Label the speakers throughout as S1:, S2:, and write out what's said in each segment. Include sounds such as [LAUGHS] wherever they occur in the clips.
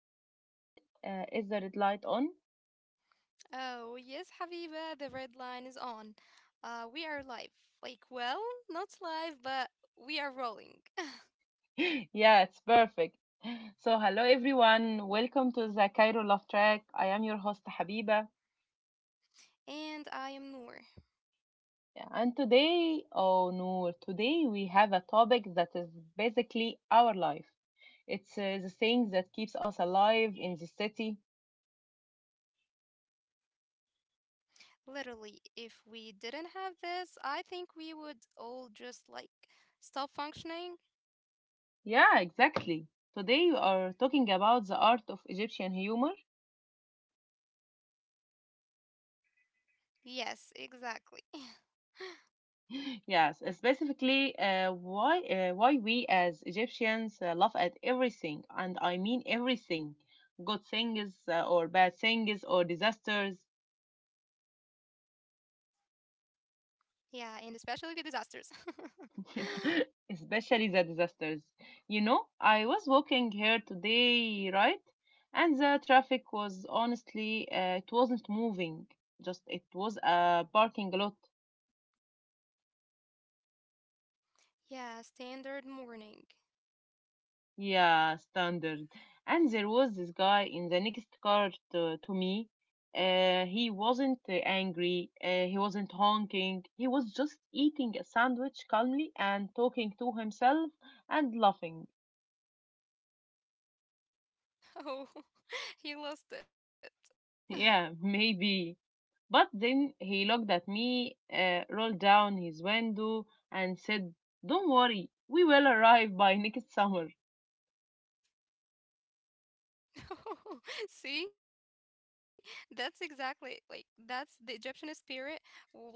S1: we recording? Is the red light on?
S2: Oh, yes, Habiba, the red line is on. We are live. Like, well, not live, but we are rolling.
S1: [LAUGHS] Yeah, it's perfect. Hello everyone. Welcome to the Cairo Love Track. I am your host Habiba.
S2: [LAUGHS] And I am Noor.
S1: And today, oh no, today we have a topic that is basically our life. It's the thing that keeps us alive in the city.
S2: Literally, if we didn't have this, I think we would all just like stop functioning.
S1: Yeah, exactly. Today we are talking about the art of Egyptian humor.
S2: Yes, exactly. [LAUGHS]
S1: Yes, specifically why we as Egyptians laugh at everything, and I mean everything, good things or bad things or disasters.
S2: Yeah, and especially the disasters. [LAUGHS]
S1: [LAUGHS] Especially the disasters. You know, I was walking here today, right, and the traffic was honestly it wasn't moving, just it was a parking lot.
S2: Yeah, standard morning.
S1: Yeah, standard. And there was this guy in the next car to me. He wasn't angry. He wasn't honking. He was just eating a sandwich calmly and talking to himself and laughing.
S2: Oh, [LAUGHS] he lost it. [LAUGHS]
S1: Yeah, [LAUGHS] maybe. But then he looked at me, rolled down his window, and said, "Don't worry, we will arrive by [LAUGHS] next summer."
S2: [LAUGHS] See, that's the Egyptian spirit. Like we don't scream, we make a dog. [LAUGHS]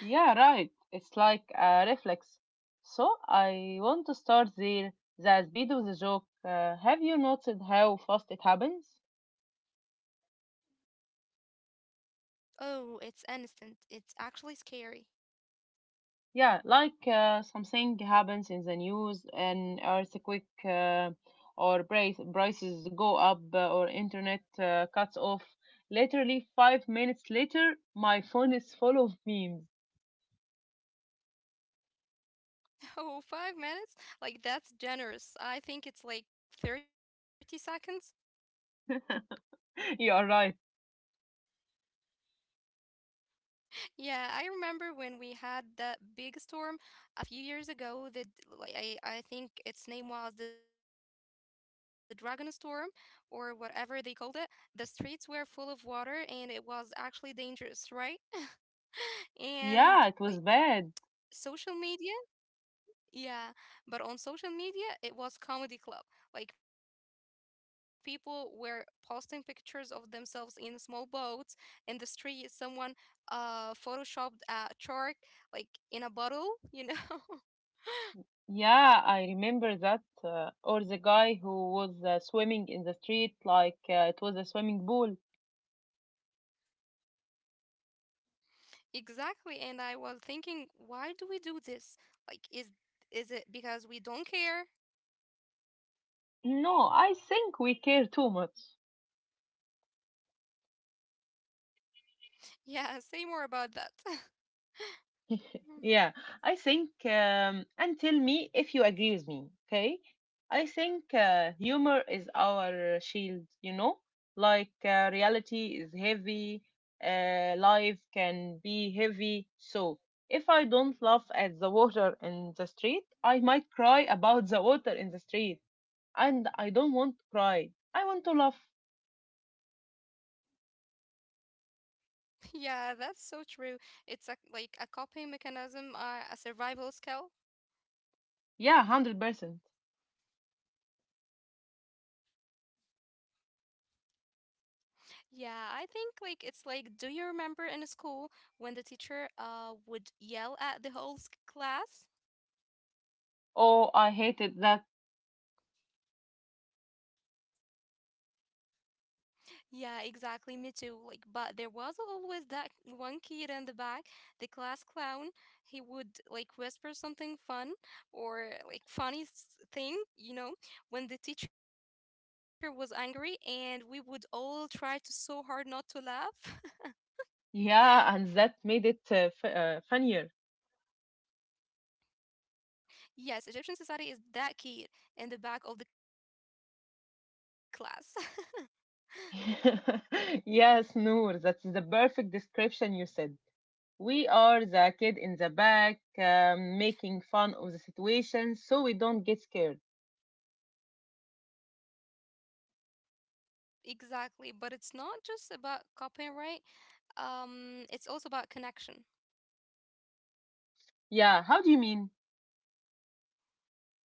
S1: Yeah, right. It's like a reflex. So I want to start there. The speed of the joke. Have you noticed how fast it happens?
S2: Oh, it's instant. It's actually scary.
S1: Yeah, like something happens in the news, an earthquake, or prices go up, or internet cuts off. Literally 5 minutes later, my phone is full of memes.
S2: [LAUGHS] Oh, 5 minutes? Like that's generous. I think it's like 30 seconds.
S1: [LAUGHS] You are right.
S2: Yeah, I remember when we had that big storm a few years ago that like, I think its name was the Dragon Storm or whatever they called it. The streets were full of water and it was actually dangerous, right? [LAUGHS] And like social
S1: Yeah, it
S2: media,
S1: was bad.
S2: yeah, but on social media, it was comedy club. Like people were posting pictures of themselves in small boats in the street. Someone photoshopped a shark like in a bottle, you know? [LAUGHS]
S1: Yeah, I remember that. Or the guy who was swimming in the street like it was a swimming pool.
S2: Exactly. And I was thinking, why do we do this? Like, is it because we don't care? [LAUGHS]
S1: No, I think we care too much.
S2: Yeah, say more about that. [LAUGHS] Mm,
S1: Yeah, I think, and tell me if you agree with me, okay? I think humor is our shield, you know? Like reality is heavy, life can be heavy. So if I don't laugh at the water in the street, I might cry about the water in the street. And I don't want to cry. I want to laugh.
S2: Yeah, that's so true. It's a, like a coping mechanism, a survival skill.
S1: Yeah, 100%.
S2: Yeah, I think like it's like, do you remember in school when the teacher would yell at the class?
S1: Oh, I hated that.
S2: Yeah, exactly, me too. Like, but there was always that one kid in the back, the class clown. He would like whisper something fun or like thing, you know, when the teacher was angry, and we would all try to so hard not to laugh. [LAUGHS]
S1: Yeah, and that made it funnier.
S2: Yes, Egyptian society is that kid in the back of the class.
S1: [LAUGHS] Yes, Noor, that's the perfect description you said. We are the kid in the back, making fun of the situation so we don't get scared.
S2: Exactly, but it's not just about copying, right? It's also about connection.
S1: Yeah, how do you mean?
S2: Well,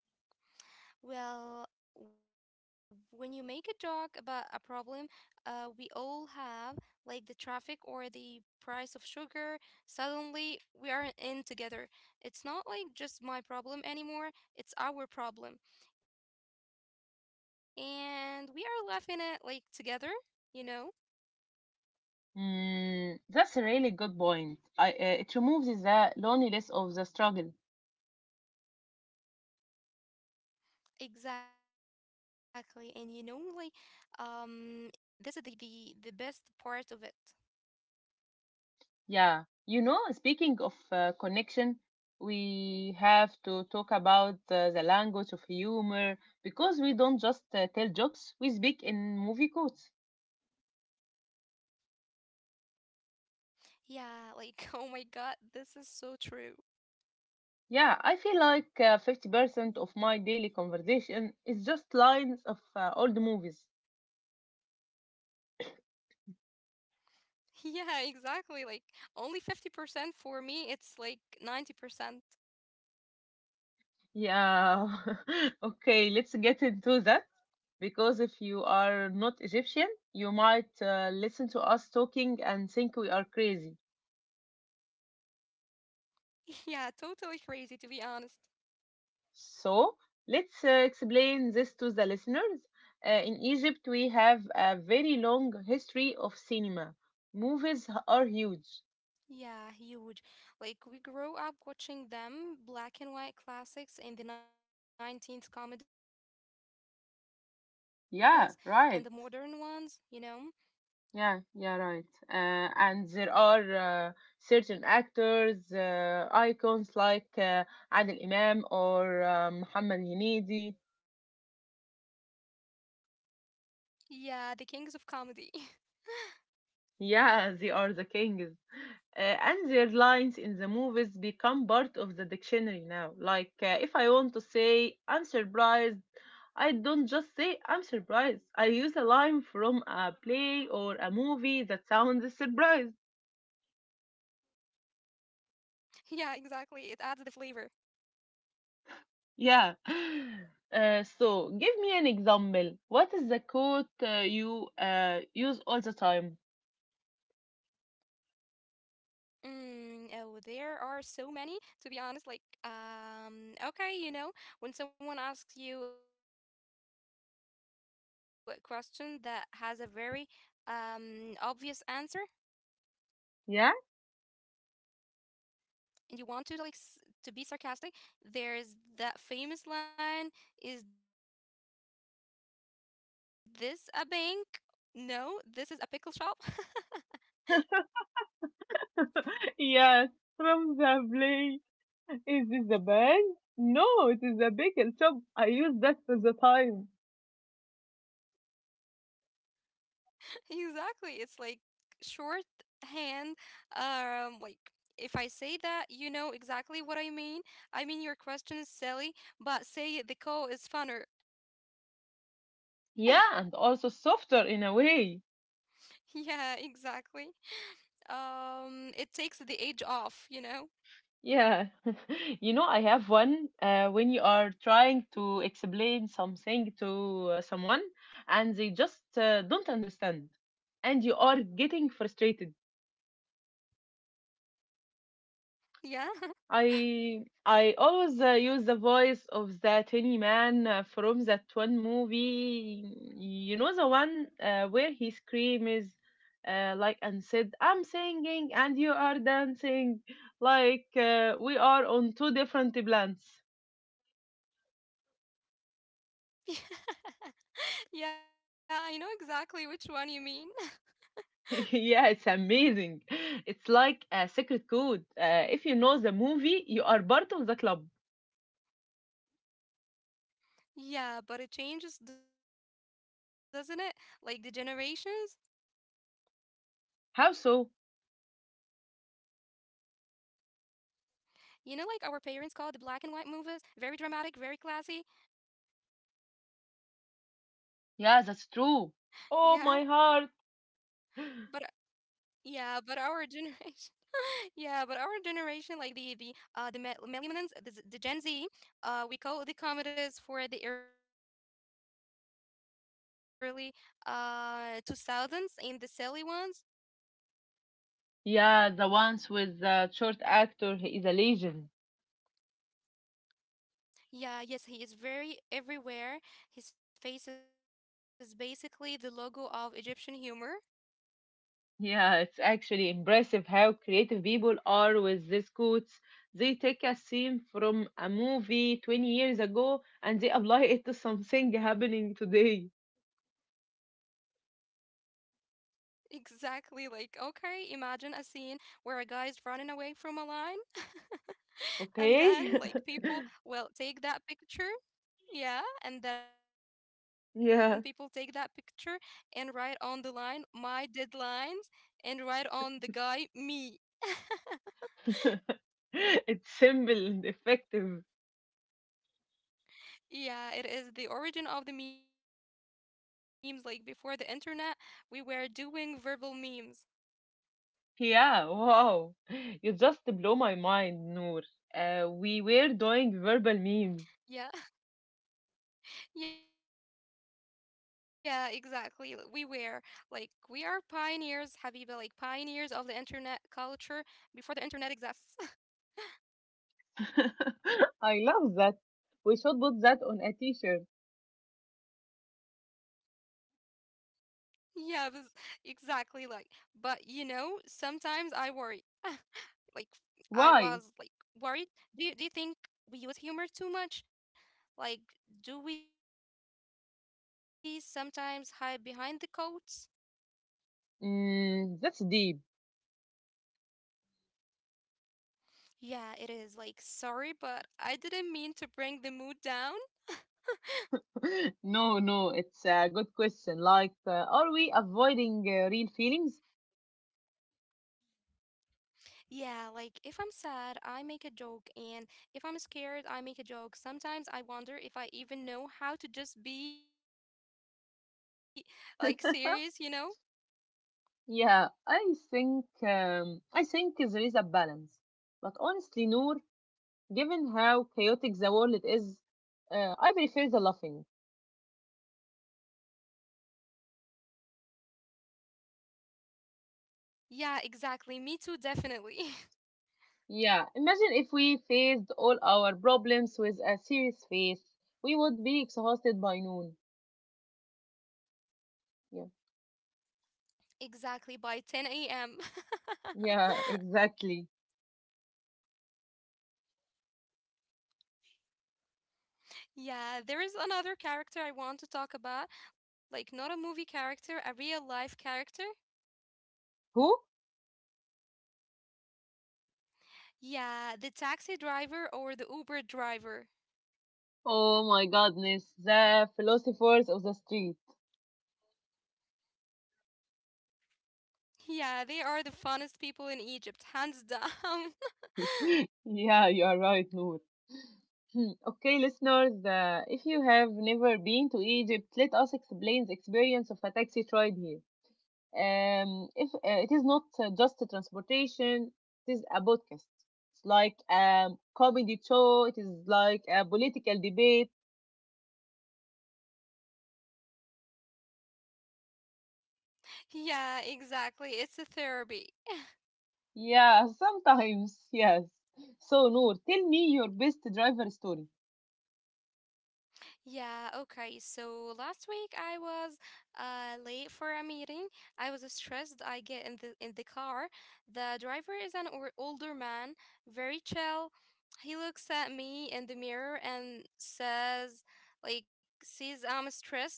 S2: when you make a joke about a problem, we all have like the traffic or the price of sugar. Suddenly, we are in together. It's not like just my problem anymore. It's our problem, and we are laughing at like together. You know.
S1: Mm, that's a really good point. It removes the loneliness of the struggle.
S2: Exactly. And you know, like, um, this is the best part of it.
S1: Yeah, you know, speaking of connection, we have to talk about the language of humor because we don't just tell jokes, we speak in movie codes.
S2: Yeah, like, [LAUGHS] oh my God, this is so true.
S1: Yeah, I feel like 50% of my daily conversation is just lines of old movies.
S2: [LAUGHS] Yeah, exactly. Like, only 50% for me, it's like 90%.
S1: Yeah, [LAUGHS] okay, let's get into that because if you are not Egyptian, you might listen to us talking and think we are crazy.
S2: [LAUGHS] Yeah, totally crazy, to be honest.
S1: So, let's explain this to the listeners. In Egypt, we have a very long history of cinema. Movies are huge.
S2: Yeah, huge. Like, we grow up watching them, black and white classics and the 19th comedies and the modern ones, you know?
S1: Yeah, right. Yeah, right. And there are uh, certain actors, icons like Adil Imam or Muhammad Hinidi.
S2: Yeah, the kings of comedy. [LAUGHS]
S1: Yeah, [LAUGHS] they are the kings. And their lines in the movies become part of the dictionary now. Like, if I want to say, "I'm surprised," I don't just say, "I'm surprised." I use a line from a play or a movie that sounds surprised.
S2: [LAUGHS] Yeah, exactly. It adds the flavor.
S1: Yeah. [GASPS] [LAUGHS] So give me an example. What is the quote you use all the time?
S2: Mm, oh, there are so many, to be honest. Like, okay, you know, when someone asks you a question that has a very obvious answer
S1: Yeah?
S2: and you want to to be sarcastic, there's that famous line, "Is this a bank?" No, this is a pickle shop.
S1: [LAUGHS] Yes, from the play. Is this the bank? No, it is the bagel shop. I use that all the time.
S2: Exactly. It's like short hand. Like if I say that, you know exactly what I mean. I mean, your question is silly, but say it, the call is funner. [LAUGHS]
S1: Yeah, and also softer in a way.
S2: Yeah, exactly. It takes the edge off, you know?
S1: Yeah. [LAUGHS] You know, I have one when you are trying to explain something to someone and they just don't understand and you are getting frustrated.
S2: Yeah.
S1: I always use the voice of the tiny man from that one movie. You know the one where he screams and said, "I'm singing and you are dancing," like we are on two different planets.
S2: [LAUGHS] Yeah, I know exactly which one you mean.
S1: [LAUGHS] Yeah, it's amazing. It's like a secret code. If you know the movie, you are part of the club.
S2: [LAUGHS] Yeah, but it changes, doesn't it? Like the generations.
S1: How so?
S2: You know, like our parents called the black and white movies very dramatic, very classy. Yeah,
S1: Yeah, that's true.
S2: but uh,
S1: Oh, my heart.
S2: yeah, but our generation, [LAUGHS] yeah, but our generation, like the millennials, the Gen Z, we call the comedies for the early two thousands and the silly ones.
S1: Yeah, the ones with the short actor he is a legend.
S2: Yeah, yes, he is very everywhere. His face is basically the logo of Egyptian humor. [LAUGHS]
S1: Yeah, it's actually impressive how creative people are with these quotes. They take a scene from a movie 20 years ago and they apply it to something happening today.
S2: Exactly, like okay, imagine a scene where a guy is running away from a lion. [LAUGHS] And then like people will
S1: Okay?
S2: take
S1: [LAUGHS]
S2: that picture yeah and then people take that picture and write on the
S1: Yeah.
S2: line my deadlines and write on the guy me. [LAUGHS]
S1: [LAUGHS] It's simple and effective.
S2: Yeah, it is the origin of the memes. Like before the internet we were doing verbal memes.
S1: Yeah, wow. You just blow my mind, Noor. We were doing verbal
S2: Yeah
S1: memes.
S2: [LAUGHS] Yeah, exactly, we were like we are pioneers, Habiba, like pioneers of the internet culture before the internet exists.
S1: [LAUGHS] I love that. We should put that on a t-shirt.
S2: Yeah, this exactly like, but you know, sometimes I worry. [SIGHS] [LAUGHS] Like I was like
S1: Why?
S2: Worried. Do you think we use humor too much? Like, do we sometimes hide behind the coats?
S1: Mm, that's deep.
S2: Yeah, it is like sorry, but I didn't mean to bring the mood down.
S1: [LAUGHS] No, no, it's a good question. Like, are we avoiding real feelings?
S2: Yeah, like if I'm sad, I make a joke, and if I'm scared, I make a joke. Sometimes I wonder if I even know how to just be like serious, you know?
S1: [LAUGHS] Yeah, I think there is a balance. But honestly, Noor, given how chaotic the world is, I prefer the laughing.
S2: Yeah, exactly. Me too, definitely.
S1: Yeah, imagine if we faced all our problems with a serious face. We would be exhausted by noon.
S2: [LAUGHS] Exactly
S1: Yeah.
S2: by 10 a.m. [LAUGHS]
S1: Yeah, exactly.
S2: Yeah, there is another character I want to talk about, like not a movie character, a real life character.
S1: Who?
S2: Yeah, the taxi driver or the Uber driver. [LAUGHS]
S1: Oh my goodness, the philosophers of the street.
S2: Yeah, they are the funnest people in Egypt, hands [LAUGHS] down.
S1: [LAUGHS] Yeah, you are right, Noor. Hmm, okay, listeners, if you have never been to Egypt, let us explain the experience of a taxi ride here. If It is not just a transportation, it is a podcast. It's like a comedy show. It is like a political debate.
S2: Yeah, exactly. It's a therapy.
S1: Yeah, [LAUGHS] sometimes, yes. So, Noor, tell me your best driver story.
S2: Yeah, okay. So last week I was late for a meeting. I was stressed. I get in the car. The driver is an or older man, very chill. He looks at me in the mirror and says like sees I'm stressed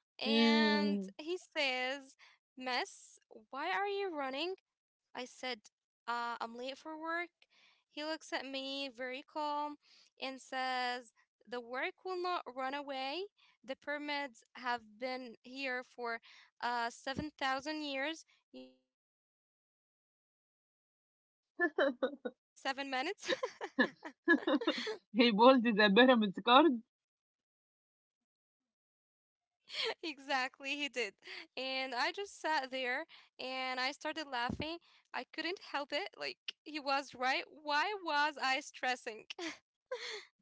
S2: and
S1: Mm.
S2: he says, "Miss, why are you running? I said, I'm late for work. He looks at me very calm and says, The work will not run away. The pyramids have been here for 7,000 years. You know, your email can wait 7 minutes.
S1: [LAUGHS] He bowled the pyramids card.
S2: [LAUGHS] Exactly, he did. And I just sat there and I started laughing. I couldn't help it. Like, he was right. Why was I stressing? [LAUGHS]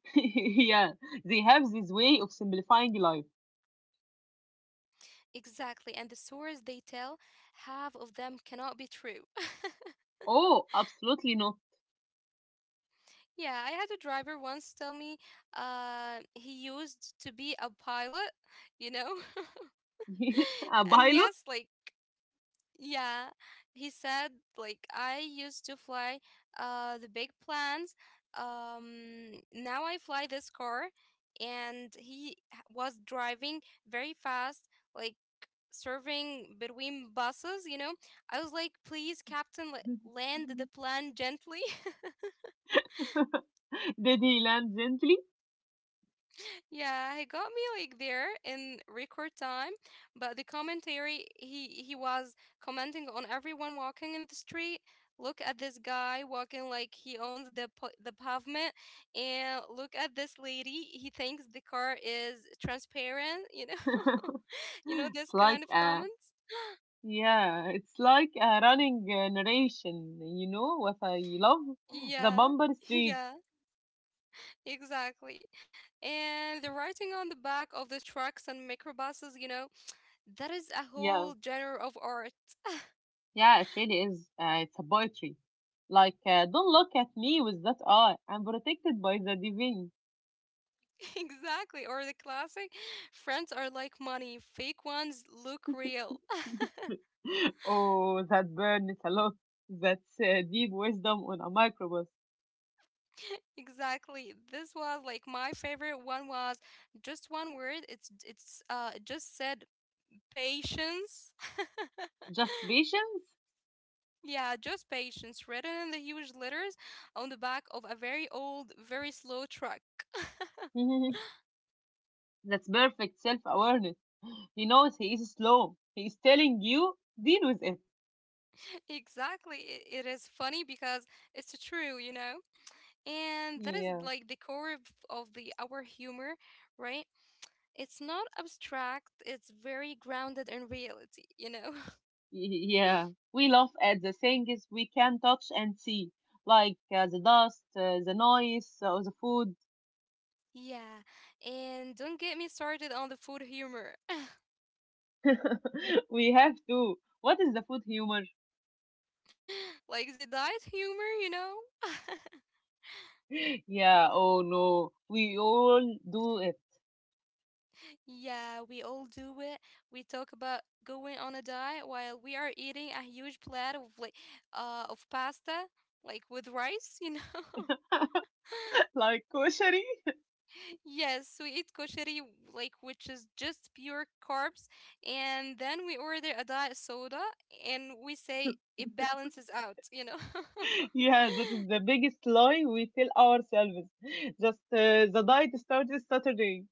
S1: [LAUGHS] Yeah, they have this way of simplifying life.
S2: Exactly, and the stories they tell, half of them cannot be true.
S1: Oh, absolutely not.
S2: [LAUGHS] Yeah, I had a driver once tell me he used to be a pilot, you know?
S1: [LAUGHS] A
S2: [LAUGHS] And
S1: pilot?
S2: yes, like, yeah, he said, like, I used to fly the big planes. Now I fly this car, and he was driving very fast, like, serving between buses, you know. I was like, please, Captain, land the plane gently.
S1: [LAUGHS] Did he land gently?
S2: [LAUGHS] Yeah, he got me like there in record time. But the commentary, he was commenting on everyone walking in the street. Look at this guy walking like he owns the pavement. And look at this lady. He thinks the car is transparent, you know.
S1: [LAUGHS]
S2: [LAUGHS] You know,
S1: It's
S2: this
S1: like
S2: kind of
S1: a
S2: comments.
S1: yeah, it's like a running narration. You know what I love? The
S2: Yeah.
S1: bumper
S2: [LAUGHS]
S1: streak.
S2: Yeah. Exactly. And the writing on the back of the trucks and microbuses, you know, that is a
S1: Yeah.
S2: whole genre of art. [LAUGHS]
S1: Yeah, it really is. It's a poetry. Like, don't look at me with that eye. I'm protected by the divine.
S2: Exactly. Or the classic friends are like money, fake ones look real. [LAUGHS]
S1: [LAUGHS] Oh, that burn is a lot. That's deep wisdom on a microbus.
S2: Exactly. This was like my favorite one was just one word. It just said patience. [LAUGHS]
S1: Just patience?
S2: Yeah, just patience written in the huge letters on the back of a very old, very slow truck.
S1: [LAUGHS] That's perfect self awareness. He knows he is slow. He is telling you, deal with it.
S2: Exactly. It is funny because it's true, you know? And that is
S1: Yeah,
S2: like the core of the our humor, right? It's not abstract, it's very grounded in reality, you know? [LAUGHS]
S1: yeah. We laugh at the things we can touch and see, like the dust, the noise, or the food.
S2: Yeah. And don't get me started on the food humor. [LAUGHS]
S1: [LAUGHS] We have to. What is the food humor?
S2: Like the diet humor, you know?
S1: [LAUGHS] Yeah, oh no, we all do it.
S2: Yeah, we all do it. We talk about going on a diet while we are eating a huge plate of like of pasta, like with rice, you know? [LAUGHS]
S1: [LAUGHS] Like koshery. [LAUGHS]
S2: Yes, we eat koshari, like which is just pure carbs, and then we order a diet soda and we say it balances out, you know. [LAUGHS]
S1: Yeah, that is the biggest lie we tell ourselves. [LAUGHS] Just the diet starts Saturday.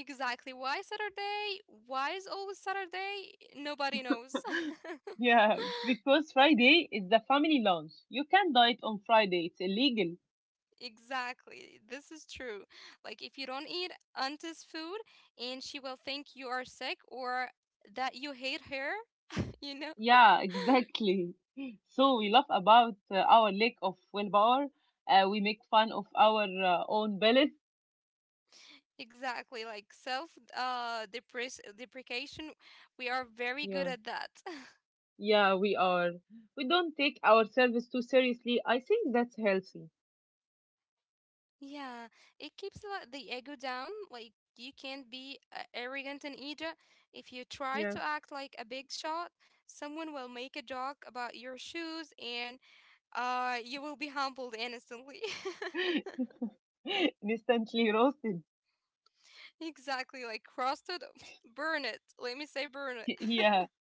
S2: Exactly. Why Saturday? Why is always Saturday? Nobody knows.
S1: [GASPS]
S2: [LAUGHS]
S1: Yeah, because Friday is the family lunch. You can diet on Friday, it's illegal.
S2: Exactly. This is true. Like if you don't eat auntie's food and she will think you are sick or that you hate her, [LAUGHS] you know.
S1: Yeah, [LAUGHS] exactly. So we laugh about our lack of willpower. We make fun of our own bellies.
S2: Exactly, like self depress deprecation, we are very good
S1: Yeah.
S2: at that. [LAUGHS]
S1: Yeah, we are. We don't take ourselves too seriously. I think that's healthy.
S2: Yeah, it keeps like, the ego down. Like you can't be arrogant in Egypt. If you try
S1: Yeah.
S2: to act like a big shot, someone will make a joke about your shoes and you will be humbled instantly. [LAUGHS]
S1: [LAUGHS] Instantly roasted.
S2: Exactly, like crusted, [LAUGHS] burn it. Let me say burn it.
S1: [LAUGHS] Yeah.
S2: [LAUGHS]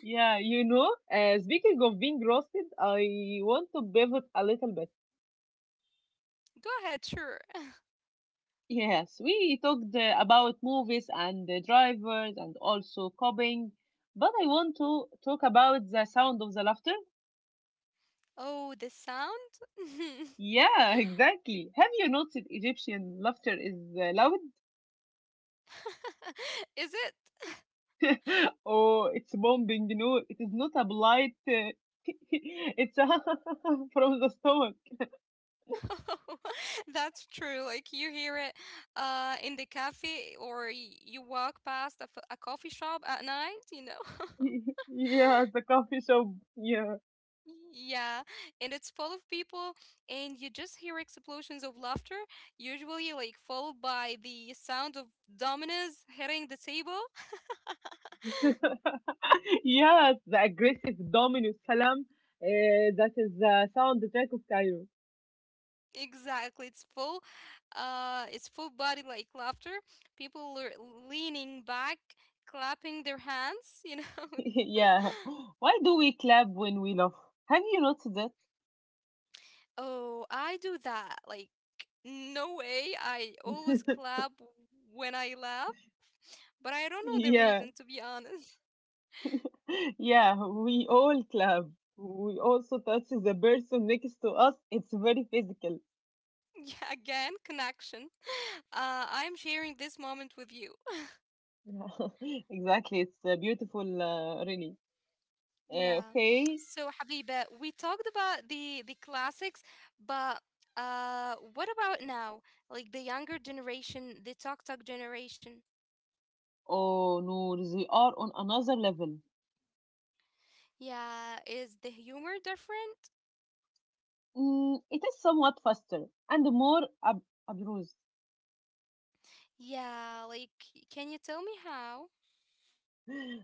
S1: Yeah, you know, speaking of being roasted, I want to pivot a little bit.
S2: Go ahead, sure. [LAUGHS]
S1: Yes, we talked about movies and the drivers and also copying, but I want to talk about the sound of the laughter.
S2: Oh, the sound? [LAUGHS]
S1: Yeah, [LAUGHS] exactly. Have you noticed Egyptian laughter is loud?
S2: [LAUGHS] Is it?
S1: [LAUGHS] Oh, it's bombing. No, it is not a blight. [LAUGHS] It's a [LAUGHS] from the stomach.
S2: [LAUGHS] That's true. Like you hear it in the cafe or you walk past a coffee shop at night, you know. [LAUGHS]
S1: [LAUGHS] Yeah, the coffee shop. Yeah.
S2: Yeah, and it's full of people and you just hear explosions of laughter, usually like followed by the sound of dominoes hitting the table. [LAUGHS]
S1: [LAUGHS] Yes, the aggressive domino salam. That is the soundtrack of Cairo.
S2: Exactly. It's full body like laughter. People are leaning back, clapping their hands, you know. [LAUGHS]
S1: [LAUGHS] Yeah. Why do we clap when we laugh? Have you noticed that?
S2: Oh, I do that. Like, no way. I always
S1: [LAUGHS]
S2: clap when I laugh, but I don't know the reason, to
S1: Yeah.
S2: be honest. [LAUGHS]
S1: Yeah, we all clap. We also touch the person next to us. It's very physical.
S2: Yeah, again, connection. I'm sharing this moment with you. [LAUGHS]
S1: [LAUGHS] Exactly. It's beautiful, really.
S2: Yeah.
S1: Okay.
S2: So, Habiba, we talked about the classics, but what about now? Like the younger generation, the talk talk generation.
S1: Oh, no, they are on another level.
S2: Yeah, is the humor different?
S1: Mm, it is somewhat faster and more ab abstruse.
S2: Yeah, like can you tell me how?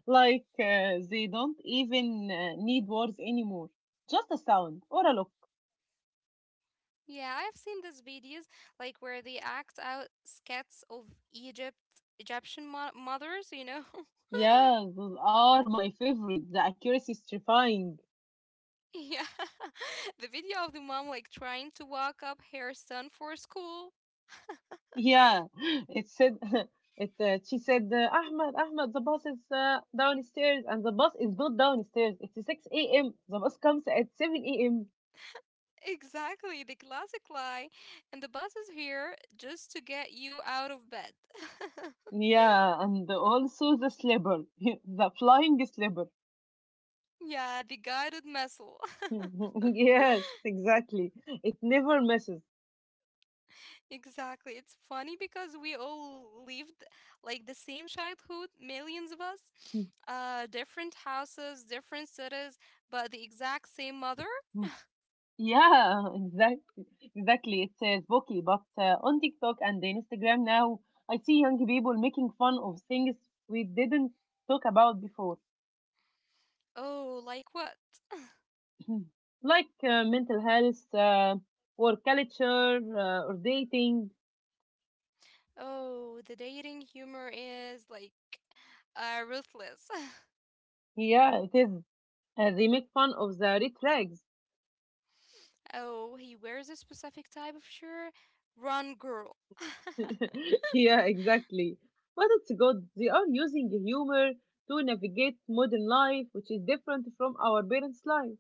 S1: Like they don't even need words anymore. Just a sound or a look.
S2: Yeah, I've seen these videos like where they act out sketches of Egypt, mothers, you know? [LAUGHS]
S1: Yeah, those are my favorite. The accuracy is terrifying.
S2: Yeah. [LAUGHS] The video of the mom like trying to walk up her son for school.
S1: Yeah, [LAUGHS] it said [LAUGHS] it. She said, "Ahmed, Ahmed, the bus is downstairs," and the bus is not downstairs. It's 6 a.m. The bus comes at 7 a.m.
S2: Exactly, the classic lie. And the bus is here just to get you out of bed. [LAUGHS]
S1: Yeah, and also the slipper, [LAUGHS] the flying slipper.
S2: Yeah, the guided missile. [LAUGHS]
S1: [LAUGHS] Yes, exactly. It never misses.
S2: Exactly. It's funny because we all lived like the same childhood, millions of us, different houses, different cities, but the exact same mother.
S1: [LAUGHS] yeah, exactly, exactly. It says Boki, but on TikTok and Instagram now, I see young people making fun of things we didn't talk about before.
S2: Oh, like what?
S1: Hmm. Like mental health, work culture, or dating.
S2: Oh, the dating humor is like ruthless.
S1: Yeah, it is. They make fun of the red flags.
S2: [LAUGHS] Oh, he wears a specific type of shirt. Run, girl. [LAUGHS]
S1: [LAUGHS] Yeah, exactly. But it's good. They are using humor to navigate modern life, which is different from our parents' life.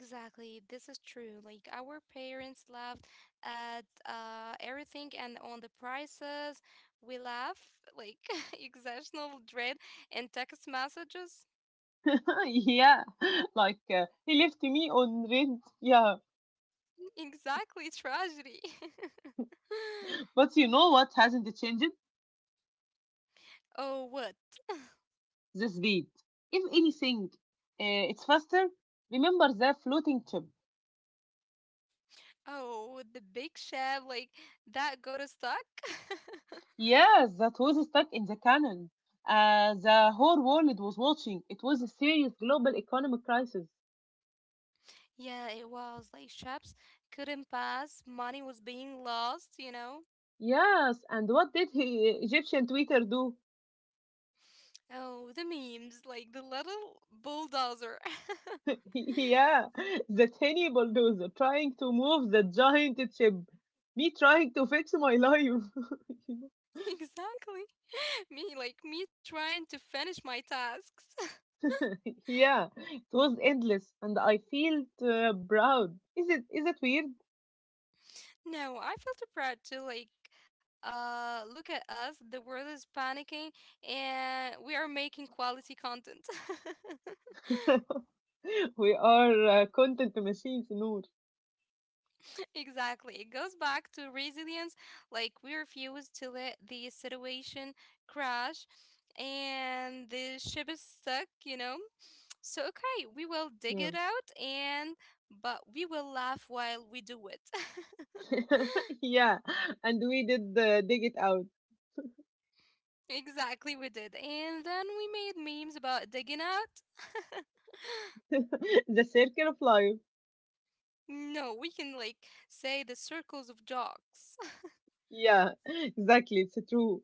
S2: Exactly, this is true. Like our parents laughed at everything and on the prices. We laugh like [LAUGHS] exceptional dread and text messages.
S1: [LAUGHS] Yeah, like he left me on rent. Yeah,
S2: Exactly, tragedy. [LAUGHS]
S1: but you know what hasn't changed?
S2: Oh, what?
S1: The speed. If anything, it's faster. Remember the floating chip.
S2: Oh, the big shab like that got us stuck.
S1: Yes, that was stuck in the canon. The whole world was watching. It was a serious global economic crisis.
S2: [LAUGHS] Yeah, it was like shops couldn't pass. Money was being lost. You know.
S1: Yes, and what did he, Egyptian Twitter do?
S2: Oh, the memes like the little bulldozer. [LAUGHS]
S1: [LAUGHS] Yeah, the tiny bulldozer trying to move the giant chip. Me trying to fix my life.
S2: [LAUGHS] Exactly. [LAUGHS] Me trying to finish my tasks. [LAUGHS]
S1: [LAUGHS] Yeah, it was endless, and I feel proud. Is it weird?
S2: No, I felt proud to like look at us, the world is panicking and we are making quality content. [LAUGHS]
S1: [LAUGHS] We are content machines, Noor.
S2: Exactly. It goes back to resilience, like we refuse to let the situation crash and the ship is stuck, you know. So okay, we will dig it
S1: Yeah.
S2: out and but we will laugh while we do it. [LAUGHS]
S1: [LAUGHS] Yeah, and we did dig it out.
S2: Exactly, we did. And then we made memes about digging out. [LAUGHS]
S1: [LAUGHS] The circle of life.
S2: No, we can like say the circles of jocks. [LAUGHS]
S1: Yeah, [LAUGHS] exactly. It's true.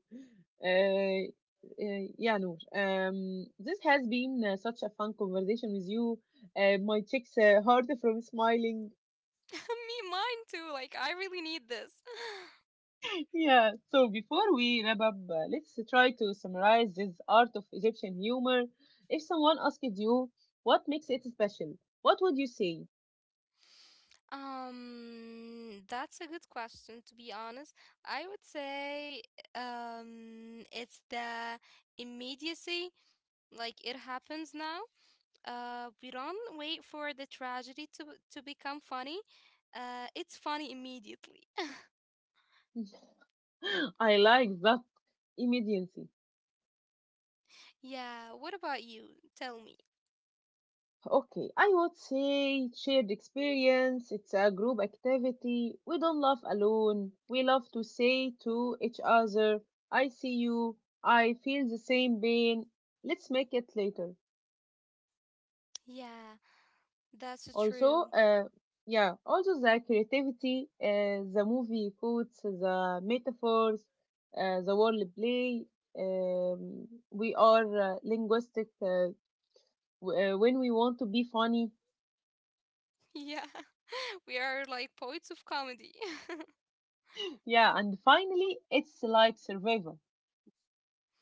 S1: Uh, yeah, Noor. This has been such a fun conversation with you. My cheeks hurt from smiling.
S2: Me, mine too. Like, I really need this. [LAUGHS]
S1: [LAUGHS] Yeah. So before we wrap up, let's try to summarize this art of Egyptian humor. If someone asked you what makes it special, what would you say?
S2: That's a good question, to be honest. I would say, it's the immediacy. Like, it happens now. We don't wait for the tragedy to become funny. It's funny immediately. [LAUGHS]
S1: [LAUGHS] I like that immediacy.
S2: Yeah, what about you? Tell me.
S1: Okay, I would say shared experience. It's a group activity. We don't laugh alone. We love to say to each other, I see you. I feel the same pain. Let's make it later.
S2: Yeah, that's
S1: Also,
S2: true. [LAUGHS]
S1: yeah, also the creativity, the movie quotes, the metaphors, the word play. We are linguistic when we want to be funny.
S2: Yeah, we are like poets of comedy.
S1: Yeah, and finally, it's like survival.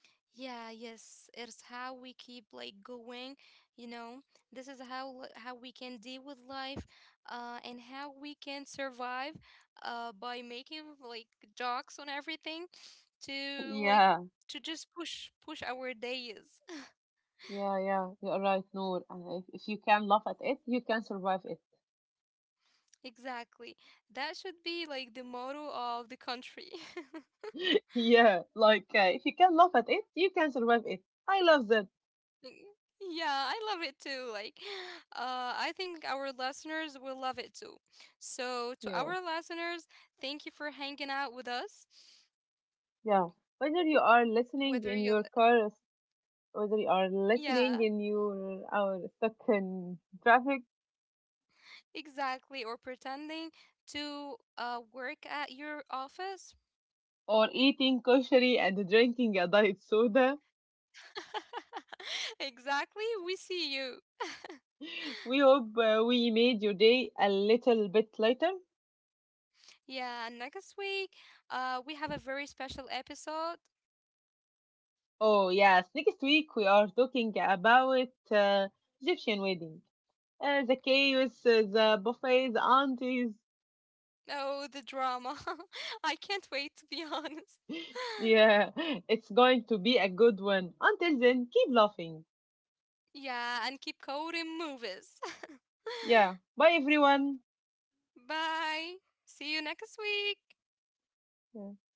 S2: [LAUGHS] Yeah, yes. It's how we keep like going, you know. This is how how we can deal with life, and how we can survive, by making like jokes on everything to like
S1: Yeah,
S2: to just push push our days. [LAUGHS]
S1: yeah. You're right, Noor. And if you can laugh at it, you can survive
S2: Exactly. That should be like the motto of the country.
S1: it. [LAUGHS] Yeah, like if you can laugh at it, you can survive it. I love that.
S2: Yeah, I love it too. Like, [GASPS] [SIGHS] I think our listeners will love it too. So, to
S1: Yeah,
S2: our listeners, thank you for hanging out with us.
S1: yeah. Whether you are listening
S2: Whether
S1: in
S2: you,
S1: your car, whether you are listening
S2: yeah,
S1: in your our stuck in traffic,
S2: exactly, or pretending to work at your office.
S1: or eating koshari and drinking a diet soda,
S2: [LAUGHS] Exactly, we see you. [LAUGHS]
S1: we hope we made your day a little bit lighter.
S2: Yeah, and next week, we have a very special episode.
S1: Oh yes, next week we are talking about Egyptian wedding. The chaos, the buffet, the aunties.
S2: Oh, the drama. [LAUGHS] I can't wait, to be honest. [LAUGHS]
S1: Yeah, [LAUGHS] it's going to be a good one. Until then, keep laughing.
S2: Yeah, and keep coding movies. [LAUGHS]
S1: Yeah, bye everyone.
S2: Bye. See you next week.
S1: Yeah.